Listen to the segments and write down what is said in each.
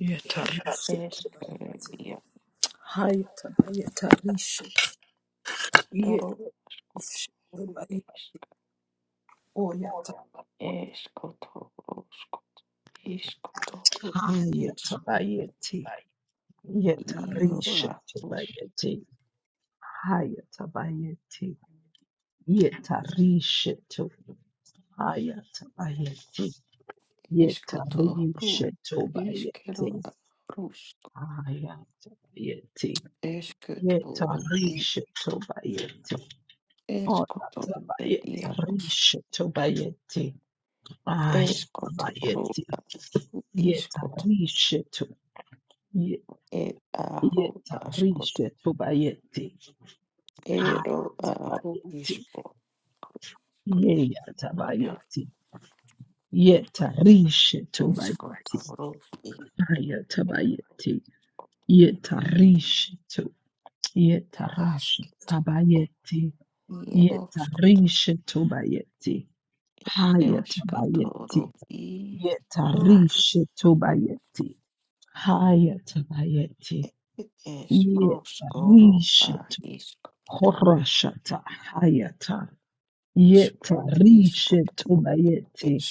Yetarishi hayata yetarishi yetarishi tabai oyata hayata bayeti yetarishi tabayeti hayata bayeti yetarishi to hayata bayeti yetarishi tobayeti hayata bayeti yetarishi tobayeti oyata bayeti rishi tobayeti Ay, Baba, yeti, yeta rishetu, ye- yeta rishetu bayeti, ay, Baba, yeti, bayeti, yeta rishetu bayeti, ay, yata bayeti, yeta rishetu, yeta rishetu bayeti, yeta rishetu bayeti, ay, yata bayeti, yeta rishetu bayeti, ay, bayeti. Yeta rishet horashata hayata. Yeta rishet bayeti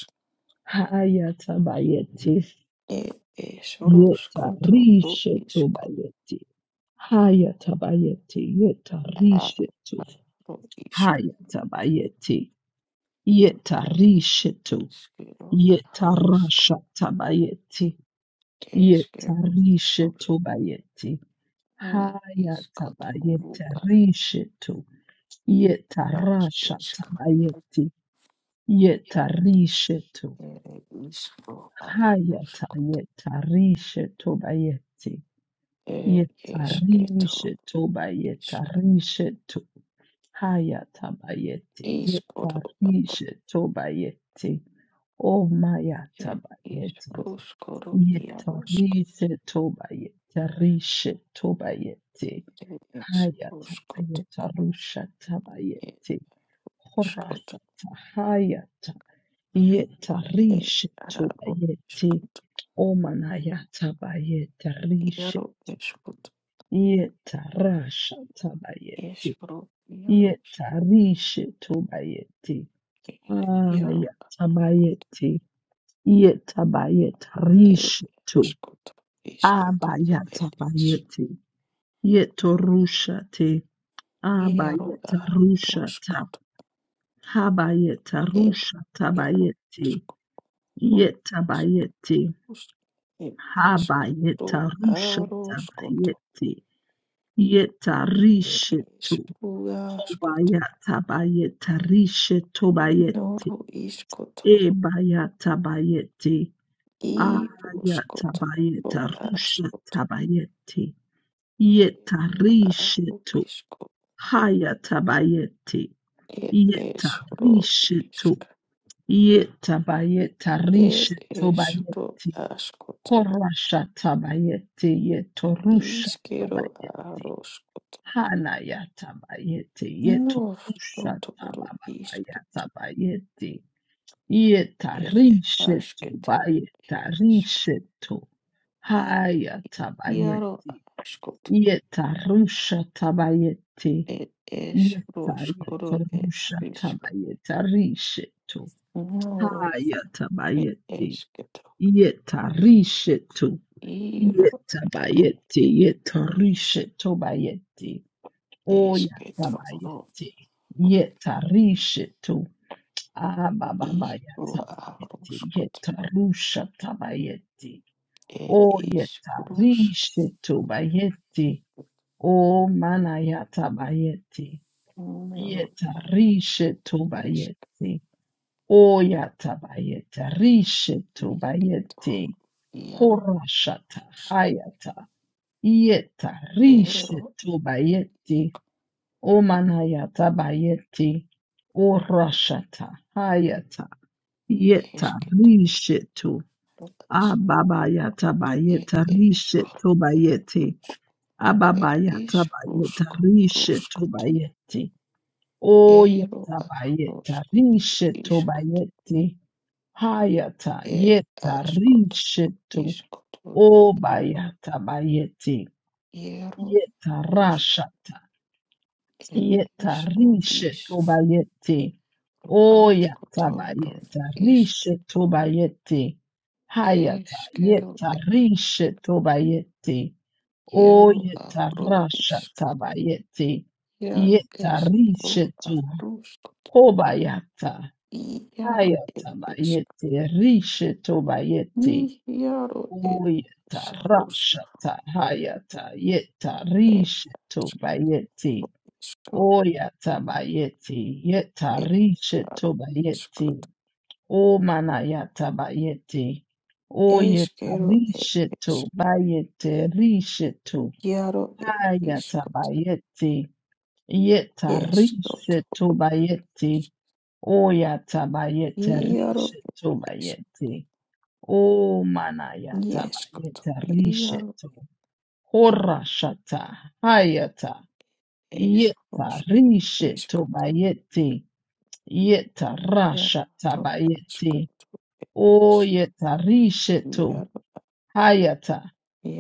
hayata bayeti. Yeta rishet bayeti hayata bayeti. Yeta rishet hayata bayeti. Yeta rishet yeta rashata bayeti. Yeta rishet bayeti hayata bayeti rishet. yetarashatayeti yetarishetu hayatayetarishetobayeti bayeti, hayatabayeti yetarishetobayeti omaya tabayeti Yetarise tobayete rishe tobayete hayata ayeta rusha tabayete horasata hayata yetarishe tobayete omanayata bayete rishe yetarasha tabayete yetarishe tobayete ayata bayete yetabayete rishe to Abayata bayete. Yeto rushate. Abayeta rushata. Habayeta rushata bayete. Yeta bayete. Habayeta rushata bayete. Yeta rishetu. Hobayata bayeta rishetu bayete. Ebayata bayete. Ayata bayeta rushata bayete. Yeta rishetu. Hayatabayeti. Yeta rishetu. Yetabayeta rishetu bayeti. Horashatabayeti. Yetorushatabayeti. Hanayatabayeti. Yetorushatababatabayeti. Yeta rishetu bayeta rishetu. Hayatabayeti. Yeta rusha tabayeti. Yeta yeta rusha tabayeta rishetu. Haya tabayeti. Yeta rishetu. Yeta bayeti. Yeta rishetu bayeti. Oya tabayeti. Yeta rishetu. Abababaya tabayeti. Yeta rusha tabayeti. Oyeta rishetu bayeti. O manayata bayeti, yeta rishe to bayeti, o yata bayeta, rishe to bayeti, horashata hayata, yeta rishe to bayeti, o manayata bayeti, o rashata hayata, yeta rishe to, ababa yata bayeta, rishe to bayeti, Ababayatabayeta rishe tobayeti. Oyetabayeta rishe tobayeti. Hayata yeta rishe to. Obayatabayeti. Yeta rashata. Yeta rishe tobayete. Oyata bayeta rishe tobayete. Hayata yeta rishe tobayete. Oyeta rasha tabayete. Yeta rishe to hobayata. Hayata bayete rishe tobayete. Oyeta rasha ta hayata yeta rishe tobayete. Oya tabayeti, yeta riche tobayeti, o manaya tabayeti, oya riche tobayete, riche to, haya tabayeti, yeta riche tobayeti, oya tabayete, riche tobayeti, o manaya tabayete, riche to, horashata, hayata, yeta riche tobayeti, Yeta rasha tabayeti. O yeta risheto. Hayata.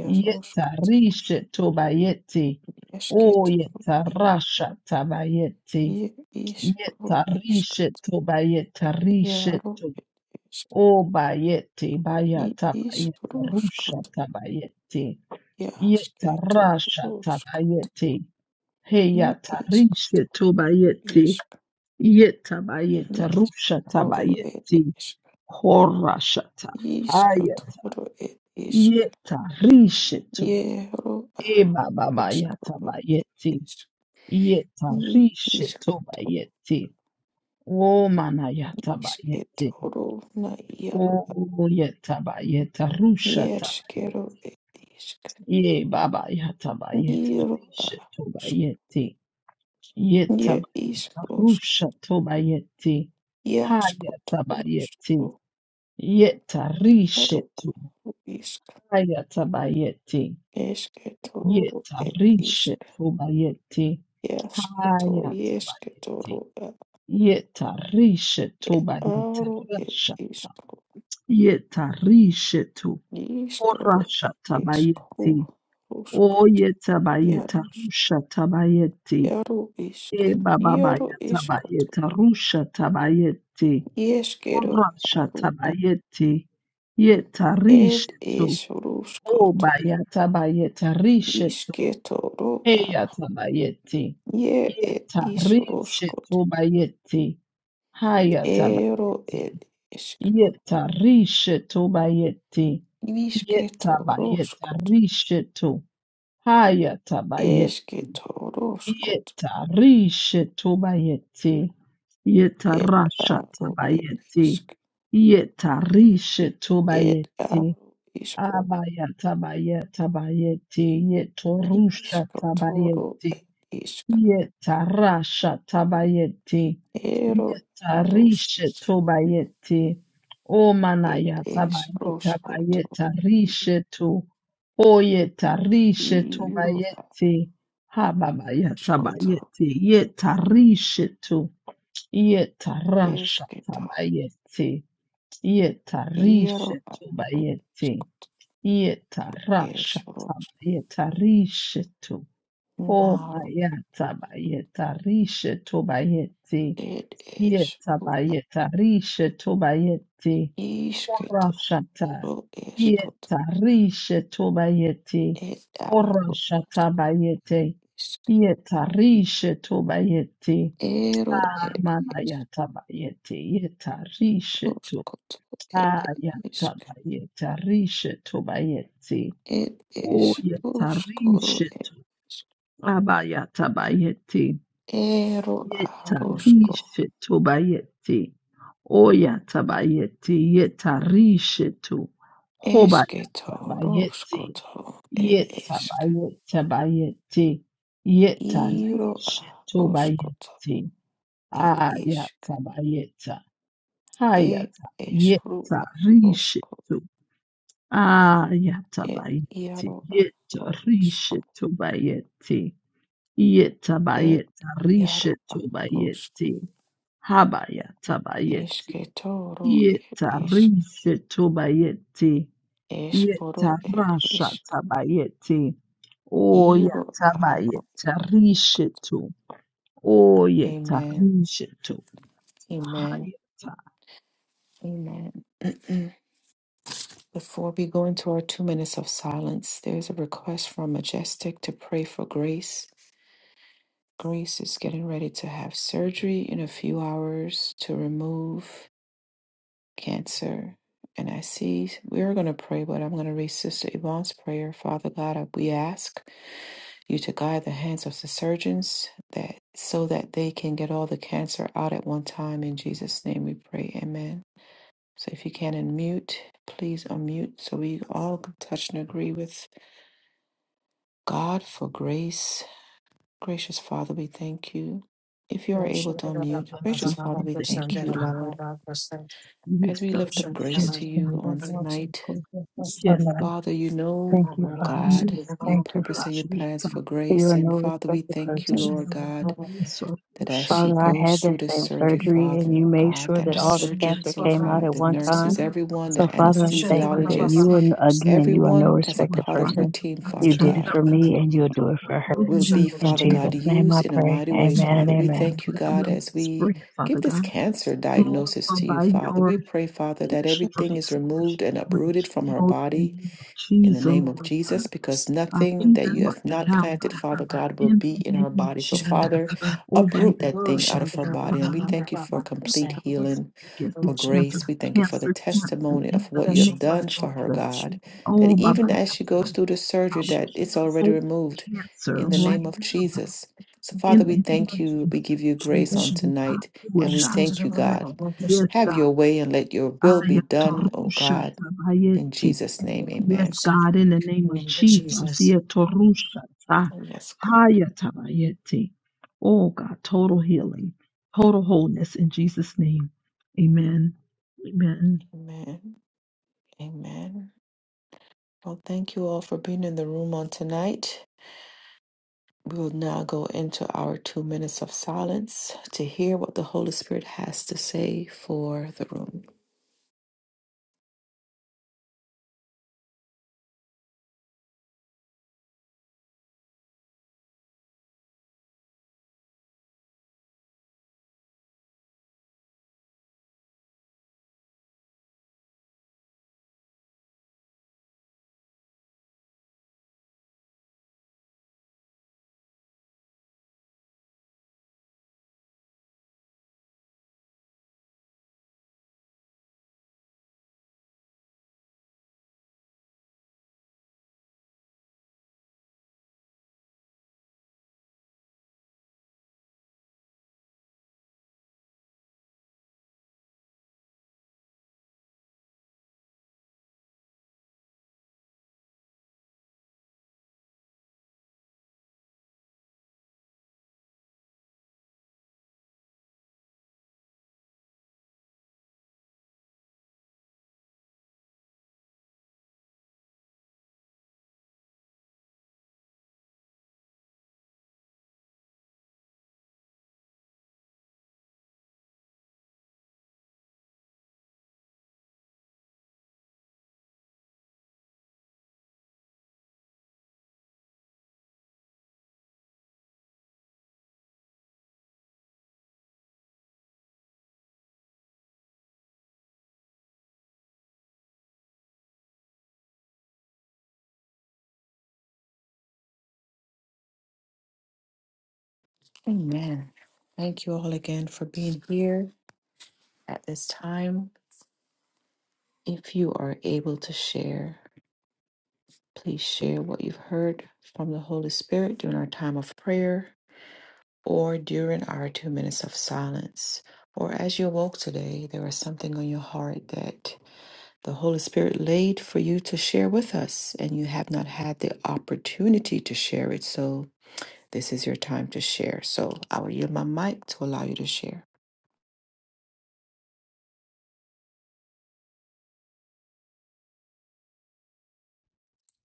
Yeta risheto bayeti. O yeta rasha tabayeti. Yeta risheto bayeta risheto. O bayeti bayata bayeta rusha tabayeti. Yeta rasha tabayeti. Heyata risheto bayeti. Yetabayeta rusha tabayeti horashata hayat yeta rishetu eba babayata bayeti yeta rishetu bayeti o manayata bayeti o yeta bayeta rusha tabayeti ye babayata bayeta rishetu bayeti yeta bayeta rusha tobayeti hayata bayeti Yetarishetu ayatabayeti. Yetarishetu bayeti ayatabayeti. Yetarishetu bayeti rashata. Yetarishetu orashata bayeti. Oyetabayeta rushata bayeti. Ebabayeta bayeta rushata bayeti. Orashata bayeti. Yetarishetu O bayata bayeta rishetu. Eyata bayeti. Yeta rishetu bayeti. Hayata bayeti. Yeta rishetu bayeti. Yeta bayeta rishetu. Hayata bayeti. Yeta rishetu bayeti. Yeta rasha tabayeti. Yeta rishetu bayeti. Abaya tabaya tabayeti yetorusha tabayeti yetarasha tabayeti yetarishe tobayeti omanaya tabaye tabaye tarishe to oyetarishe tobayeti hababaya tabayeti yetarishe to yetarasha tabayeti yetarishe tobayeti Yetarashataba yetarishetu. Oma yataba yetarishetu bayeti. Yetaba yetarishetu bayeti. Orashata. Yetarishetu bayeti. Orashata bayeti. Yetarishetu bayeti. Amana yataba yeti. Yetarishetu. Ayataba yetarishetu bayeti. O yetarishetu abayatabayeti. Yetarishetu bayeti. O yatabayeti yetarishetu. Hobayatabayeti. Yetabayetabayeti. Yetarishetu bayeti. Ayatabayeta. Hayata yetarishetu. Ah, yatabayeti, yeta rishetu bayeti, yeta bayeta rishetu bayeti, habayata bayeti, yeta rishetu bayeti, yeta rashata bayeti, o yata bayeta rishetu, o yeta rishetu, hayata. Shandra Baba Baba Yes, Baba Lord, thank you, God. Yes, the Thank rishetu. Yes, you, Father. Yes, God, Thank you, Father. touch, Lord God. You are no respected person. Yes, God. Baba Baba Yes, Lord. Usha. Father, I had that same Yes. surgery and you made sure that yes. all the cancer came out at one time. Oh, So, gosh. You Father, I should do thank you right. that Yes, you are, again, you are no that you would respected dry it person. up, God. You Dry did it it up for from the me and you'll root, do oh it God. for In her. the name of In Jesus' Jesus, name I pray. we Amen and decree and we amen. declare it will not spread, Father God. Lord, for by your, your stripes, Lord, she's already healed in the name of Jesus, Lord God. God, even right now, God. In the name of Jesus. Oh, by that tongue, Lord, by your feet. God, we speak against this cancer. We cancer cancel in the Name name of of Jesus. Oh, by that tongue. we cancel cancer right now God, in the name of Jesus. Oh, God, do it, God. Yes, God. Ayatorusha Yes, God, in the name of Jesus. Jesus. Yetorushata, hayatabayete. Oh, God, total healing, total wholeness in Jesus' name. Amen. Amen.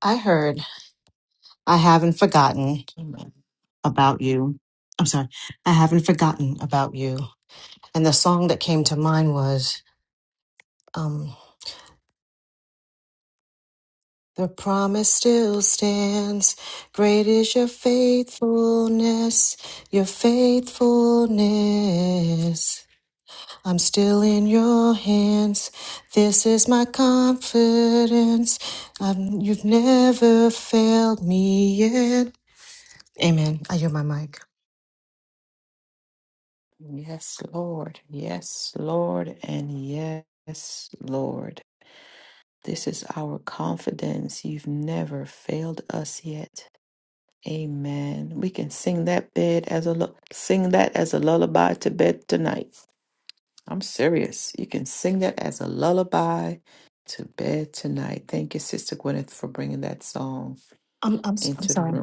I heard, I haven't forgotten about you. I'm sorry, I haven't forgotten about you. And the song that came to mind was, um, The promise still stands. Great is your faithfulness, your faithfulness. I'm still in your hands. This is my confidence. Um, you've never failed me yet. Amen. I hear my mic. I'm, I'm, s- I'm sorry.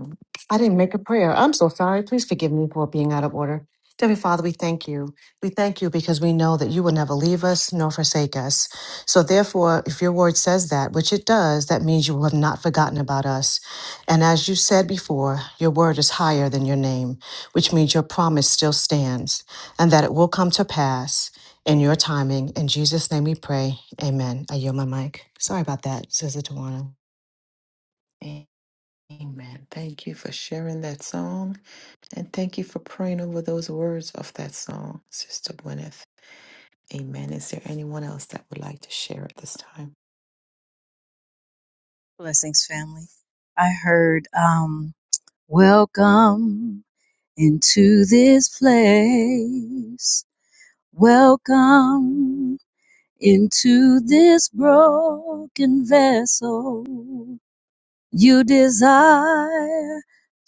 I didn't make a prayer. I'm so sorry. Please forgive me for being out of order. Dear Father, we thank you. We thank you because we know that you will never leave us nor forsake us. So, therefore, if your word says that, which it does, that means you have not forgotten about us. And as you said before, your word is higher than your name, which means your promise still stands and that it will come to pass in your timing. In Jesus' name we pray. Amen. I yield my mic. Sorry about that, Sister Tawana. Blessings, family. I heard, um, welcome into this place. Welcome into this broken vessel. You desire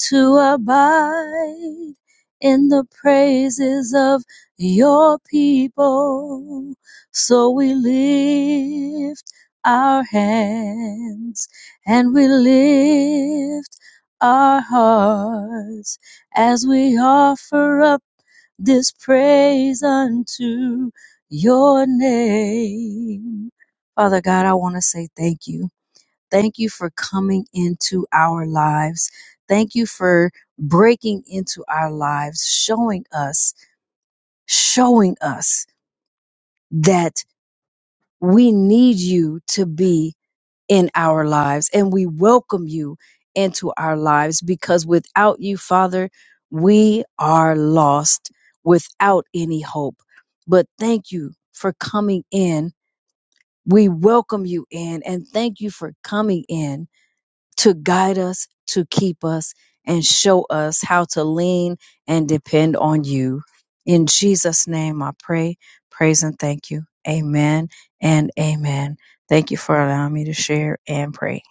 to abide in the praises of your people. So we lift our hands and we lift our hearts as we offer up this praise unto your name. Father God, I want to say thank you. Thank you for coming into our lives. Thank you for breaking into our lives, showing us, showing us that we need you to be in our lives and we welcome you into our lives because without you, Father, we are lost without any hope. But thank you for coming in. We welcome you in and thank you for coming in to guide us, to keep us, and show us how to lean and depend on you. In Jesus' name, I pray, praise, and thank you. Amen and amen. Thank you for allowing me to share and pray.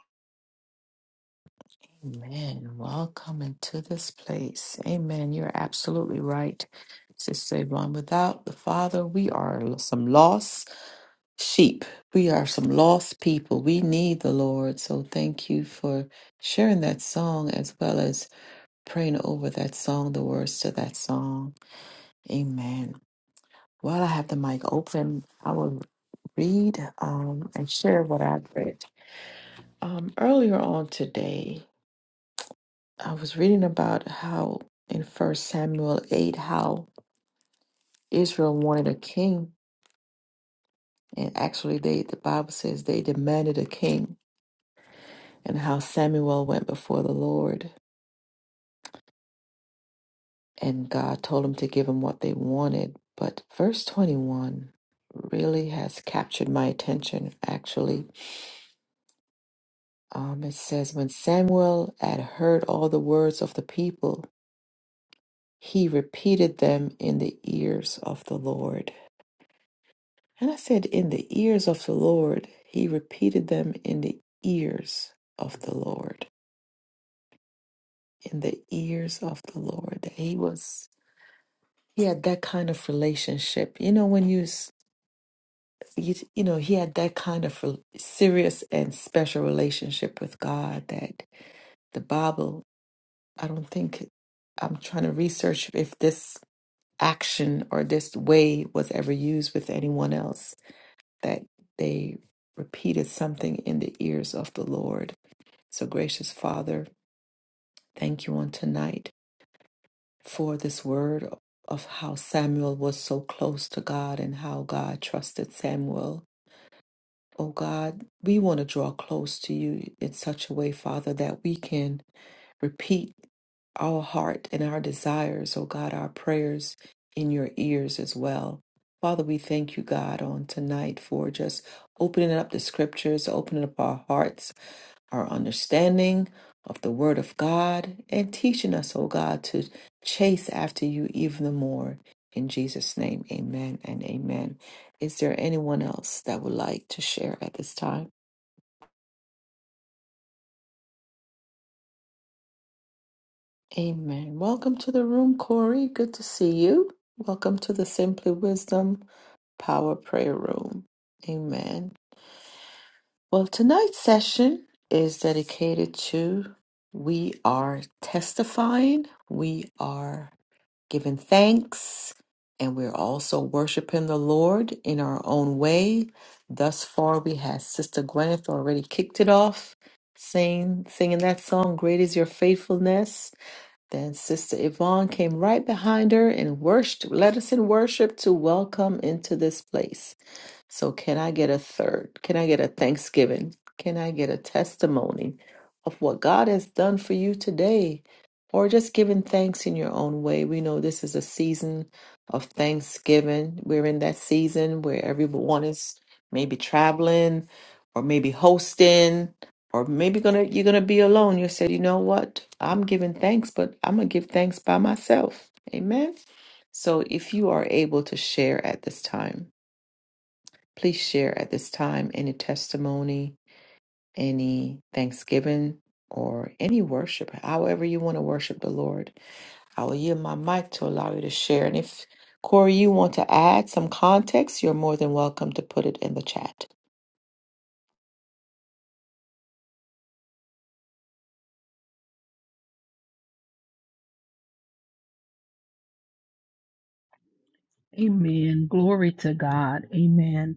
Amen. Glory to God. Amen.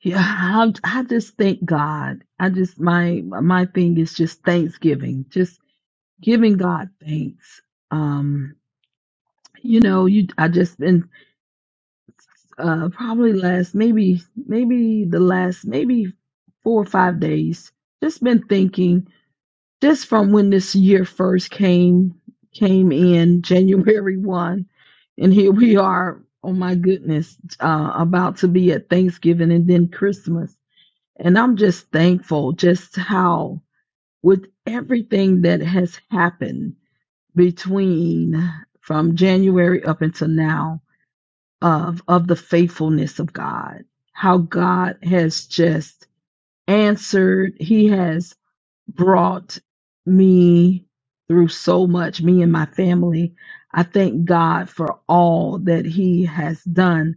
Yeah, I, I just thank God. I just my my thing is just thanksgiving, just giving God thanks. Um, you know, you I just been uh probably last maybe maybe the last maybe four or five days just been thinking just from when this year first came came in january 1 and here we are oh my goodness uh about to be at thanksgiving and then christmas and i'm just thankful just how with everything that has happened between from january up until now of of the faithfulness of God, how God has just answered. He has brought me through so much, me and my family. I thank God for all that He has done.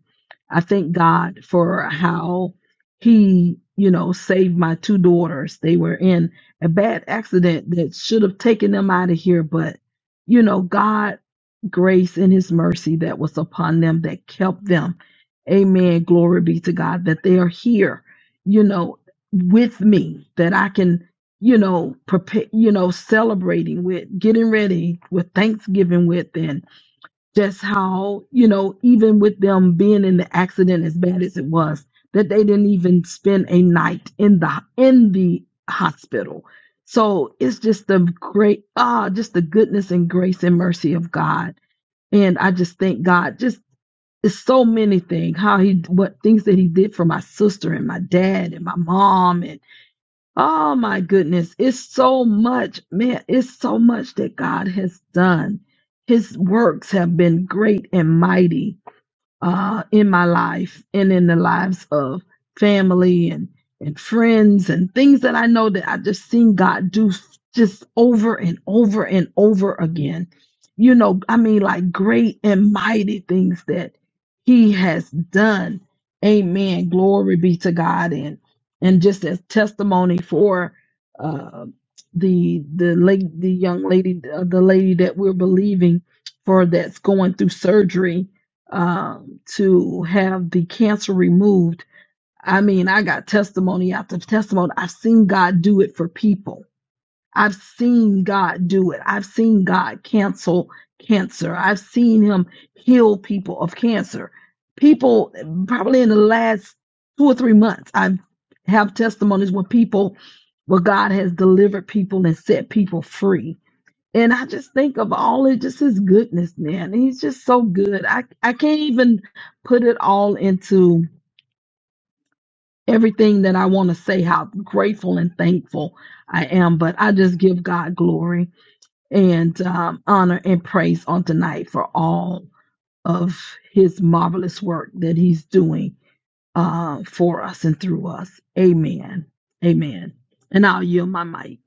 I thank God for how He, you know, saved my two daughters. They were in a bad accident that should have taken them out of here, but, you know, God grace and his mercy that was upon them that kept them amen glory be to god that they are here you know with me that i can you know, prepare, you know, celebrating with, getting ready with Thanksgiving with, and just how, you know, even with them being in the accident as bad as it was, that they didn't even spend a night in the in the hospital. So it's just the great, ah, just the goodness and grace and mercy of God. And I just thank God, just it's so many things, how he, what things that he did for my sister and my dad and my mom and Oh my goodness. It's so much, man. It's so much that God has done. His works have been great and mighty uh, in my life and in the lives of family and, and friends and things that I know that I've just seen God do just over and over and over again. You know, I mean, like great and mighty things that He has done. Amen. Glory be to God. And and just as testimony for uh, the the late the young lady uh, the lady that we're believing for that's going through surgery um, to have the cancer removed. I mean, I got testimony after testimony. I've seen God do it for people. I've seen God do it. I've seen God cancel cancer. I've seen Him heal people of cancer. People, probably in the last two or three months, I have testimonies where people, where God has delivered people and set people free and I just think of all it just his goodness, man. He's just so good. I, I can't even put it all into everything that I want to say, how grateful and thankful I am. But I just give God glory and um, honor and praise on tonight for all of his marvelous work that he's doing uh, for us and through us. Amen. Amen. And I'll yield my mic.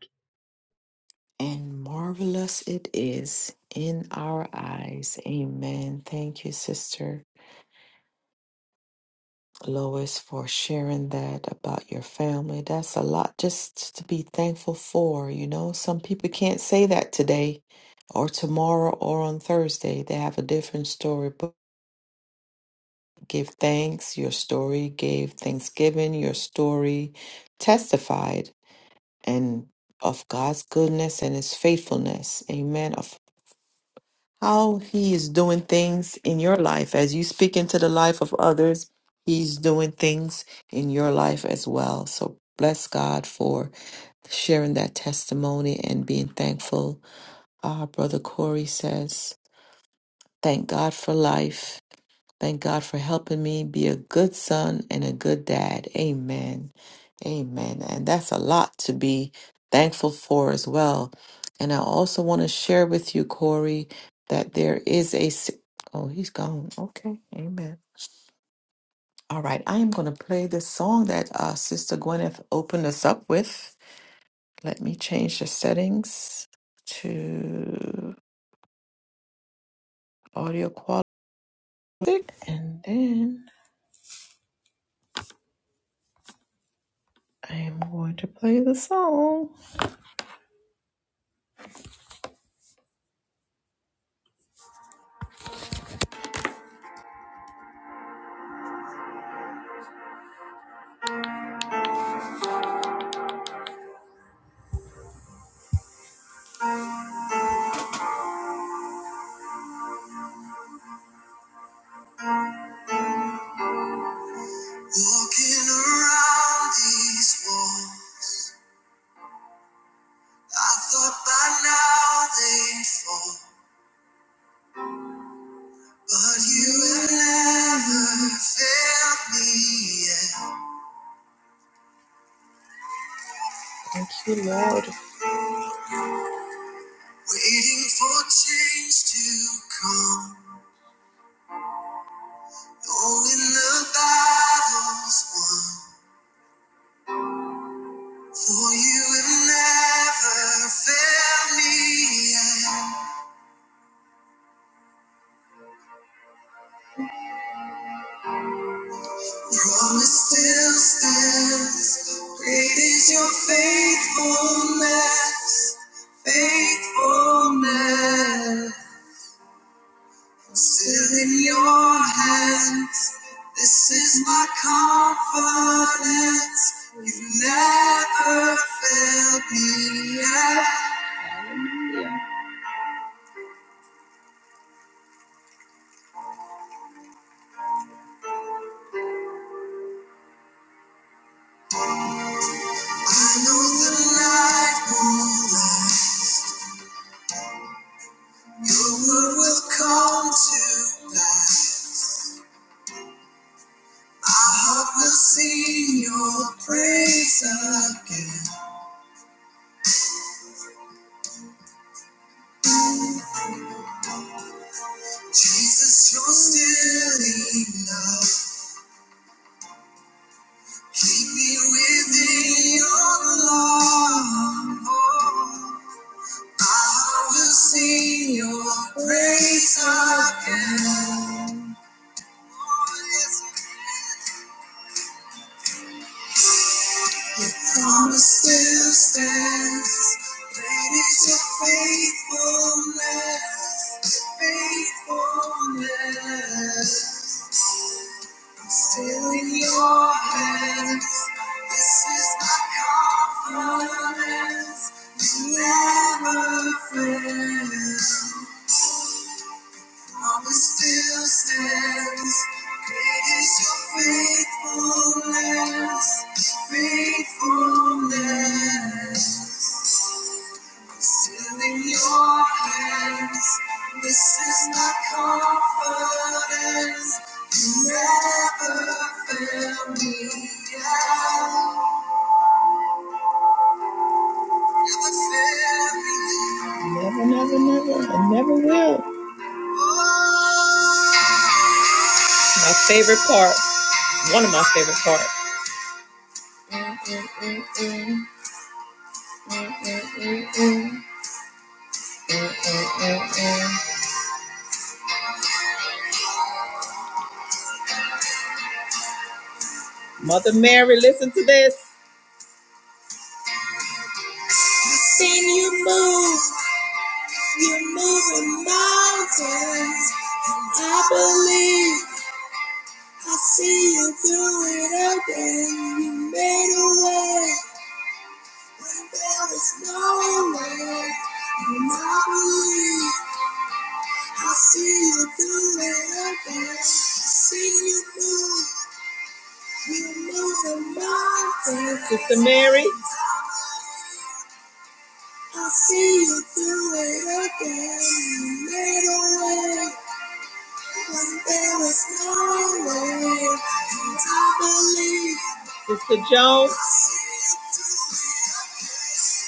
Walking around these walls, I thought by now they'd fall. But you have never failed me yet. Waiting for change to come, knowing the battle's won. For you have never failed me yet. Promise still stands. Great is your faithfulness, faithfulness. Still in your hands. This is my confidence. You've never failed me yet. I know the light won't. Your word will come to pass. My heart will sing your praise again. Jesus, you're still enough. Keep me within your love. I will sing your praise again. Your promise still stands. Great is your faithfulness. your Faithfulness. Still in your hands, this is my confidence. You never fails. Promise still stands. Great is your faithfulness, faithfulness. Still in your hands, this is my confidence. You never fail me. yet. Then you move, you're moving mountains. And I believe I see you through it again. You made a way when there was no way. And I believe I see you through it again. I you move, you're moving mountains. Sister Mary. I'll see you through it again. You made a way when there was no way. And I believe. Sister Jones.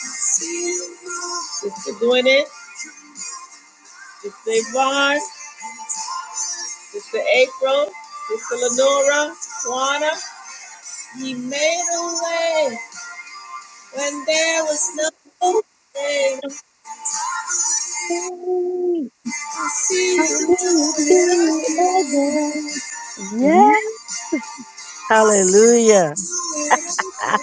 See you now. Sister Gwyneth. Sister Yvonne. Sister April. Sister Lenora. Juana. He made a way when there was no way. i see How can you do you do it again? it again. Do Yes, hallelujah. it Ah,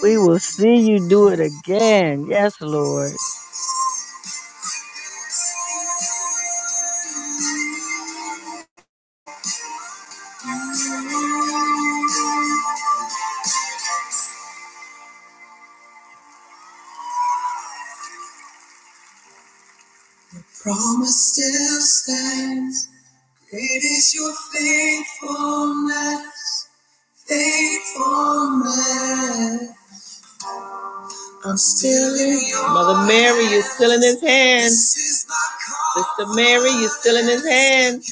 We again. will see you do it again. Yes, Lord. Promise still stands. Great is your faithfulness, faithfulness. I'm still in your Mother Mary, you're still in his hands. Sister Mary, you're still in his hands.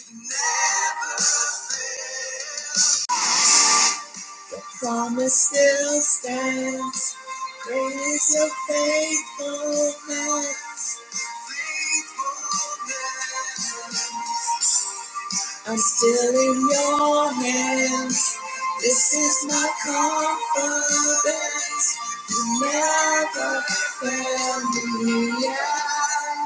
Promise still stands. Great is your faithfulness. faithfulness. I'm still in your hands. This is my confidence. You never fail me yet.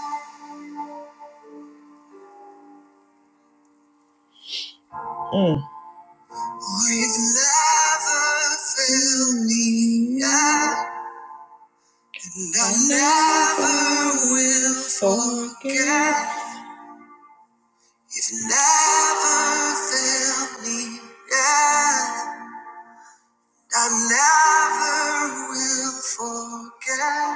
You've never failed me yet. And I never will forget. You've never failed me yet. I never will forget.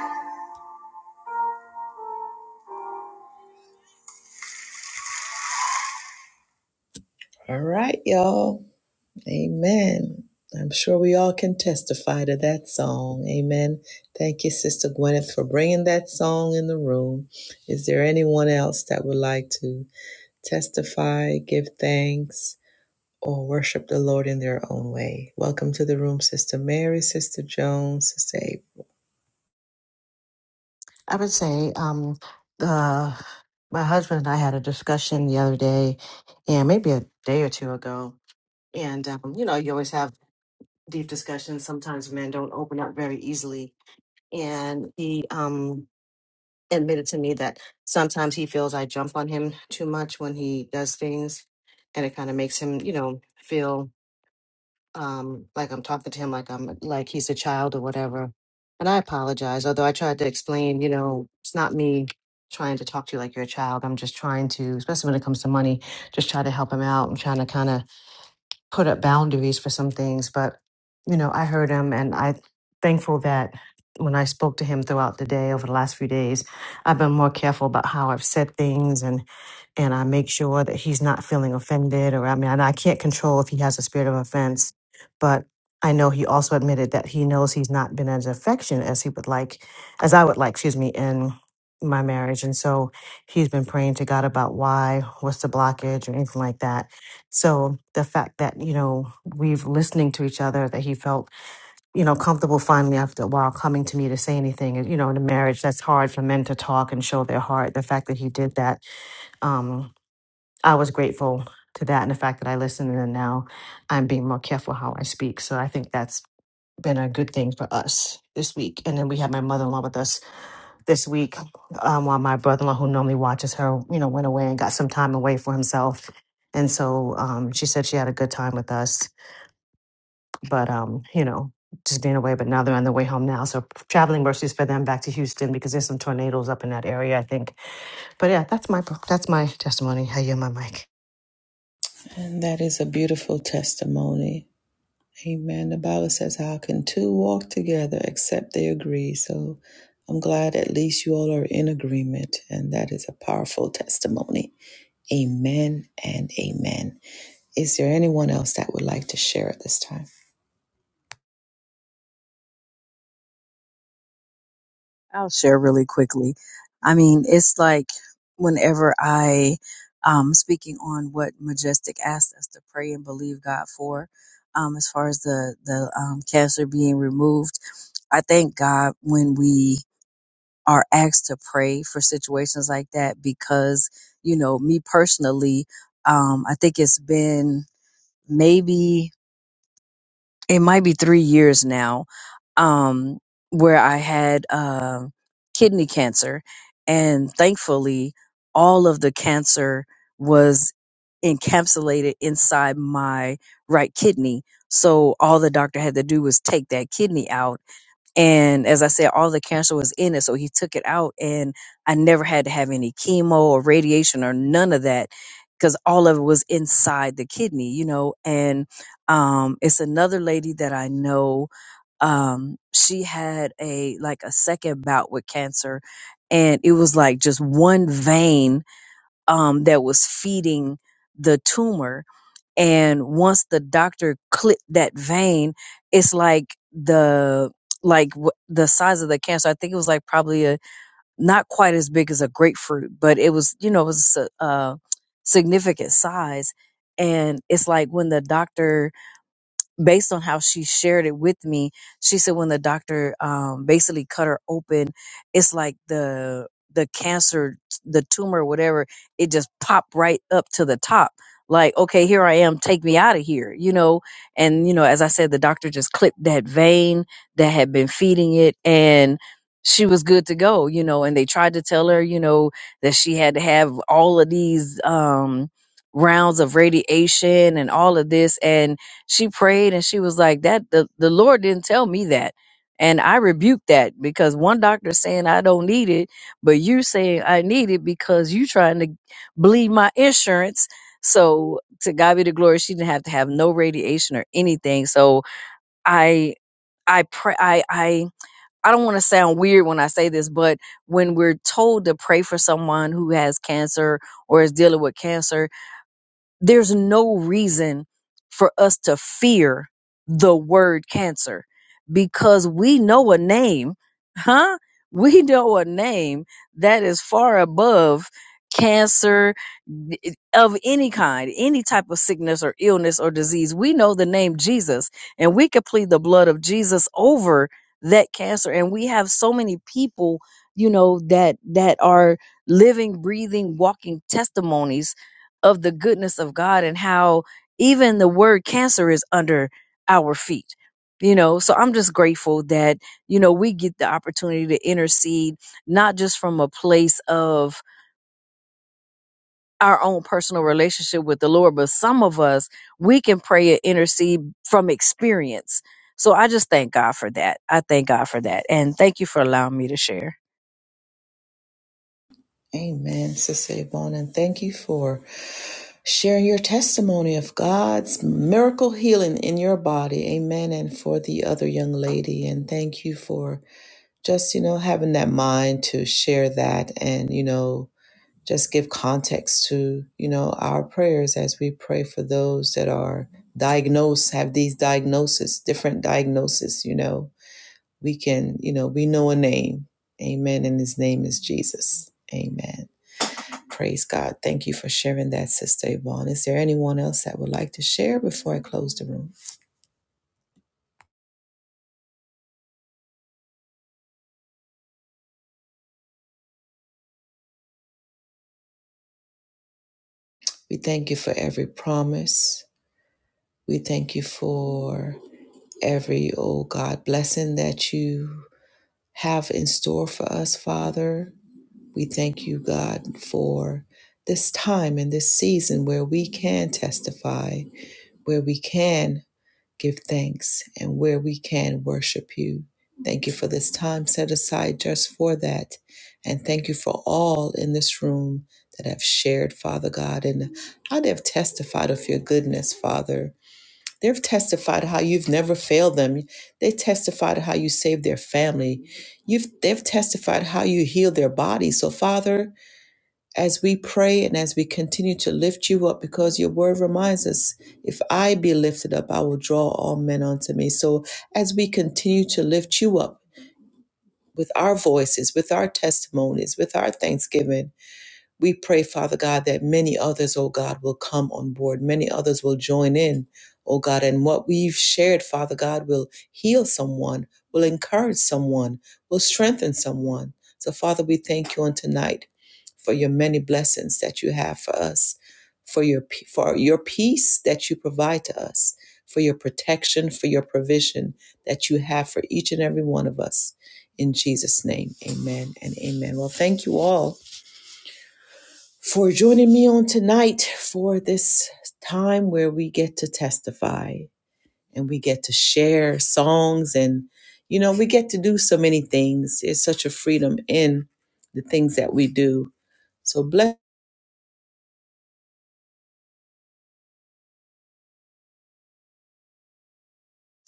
I would say, um, uh, my husband and I had a discussion the other day, and maybe a day or two ago. And um, you know, you always have deep discussions. Sometimes men don't open up very easily, and he um, admitted to me that sometimes he feels I jump on him too much when he does things, and it kind of makes him, you know, feel um like I'm talking to him like I'm like he's a child or whatever. And I apologize, although I tried to explain, you know, it's not me trying to talk to you like you're a child. I'm just trying to, especially when it comes to money, just try to help him out. I'm trying to kind of put up boundaries for some things, but you know, I heard him and I thankful that when I spoke to him throughout the day over the last few days, I've been more careful about how I've said things and I make sure that he's not feeling offended or I mean and I can't control if he has a spirit of offense, but I know he also admitted that he knows he's not been as affectionate as he would like as I would like, excuse me, in my marriage. And so he's been praying to God about why, what's the blockage or anything like that. So the fact that, you know, we've listening to each other, that he felt, you know, comfortable finally after a while coming to me to say anything. And, You know, in a marriage that's hard for men to talk and show their heart. The fact that he did that um, I was grateful to that and the fact that I listened, and now I'm being more careful how I speak. So I think that's been a good thing for us this week. And then we had my mother in law with us this week, um, while my brother in law, who normally watches her, you know, went away and got some time away for himself. And so um, she said she had a good time with us, but um, you know, just being away. But now they're on their way home now, so traveling mercies for them back to Houston because there's some tornadoes up in that area, I think. But yeah, that's my that's my testimony. I yield my mic. I'll share really quickly. I mean, it's like whenever I um speaking on what Majestic asked us to pray and believe God for, um, as far as the the um, cancer being removed. I thank God when we are asked to pray for situations like that because, you know, me personally, um, I think it's been maybe, it might be three years now, um, where I had uh, kidney cancer. And thankfully, all of the cancer was encapsulated inside my right kidney. So all the doctor had to do was take that kidney out and as I said, all the cancer was in it. So he took it out and I never had to have any chemo or radiation or none of that because all of it was inside the kidney, you know. And um, it's another lady that I know. Um, she had a like a second bout with cancer and it was like just one vein um, that was feeding the tumor and once the doctor clipped that vein it's like the like w- the size of the cancer i think it was like probably a not quite as big as a grapefruit but it was you know it was a, a significant size and it's like when the doctor based on how she shared it with me, she said when the doctor um, basically cut her open, it's like the the cancer, the tumor, whatever, it just popped right up to the top. Like, okay, here I am, take me out of here, you know? And, you know, as I said, the doctor just clipped that vein that had been feeding it and she was good to go, you know? And they tried to tell her, you know, that she had to have all of these, um, rounds of radiation and all of this. And she prayed and she was like that the, the lord didn't tell me that and i rebuked that because one doctor saying i don't need it but you saying i need it because you trying to bleed my insurance so to god be the glory she didn't have to have no radiation or anything so i i pray i i I don't want to sound weird when I say this, but when we're told to pray for someone who has cancer or is dealing with cancer, there's no reason for us to fear the word cancer because we know a name, huh? We know a name that is far above cancer eh, of any kind, any type of sickness or illness or disease. We know the name Jesus and we could plead the blood of Jesus over that cancer. And we have so many people, you know, that, that are living, breathing, walking testimonies of the goodness of God and how even the word cancer is under our feet. You know, so I'm just grateful that, you know, we get the opportunity to intercede, not just from a place of our own personal relationship with the Lord, but some of us, we can pray and intercede from experience. So I just thank God for that. I thank God for that. And thank you for allowing me to share.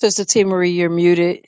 Sister T. Marie, you're muted.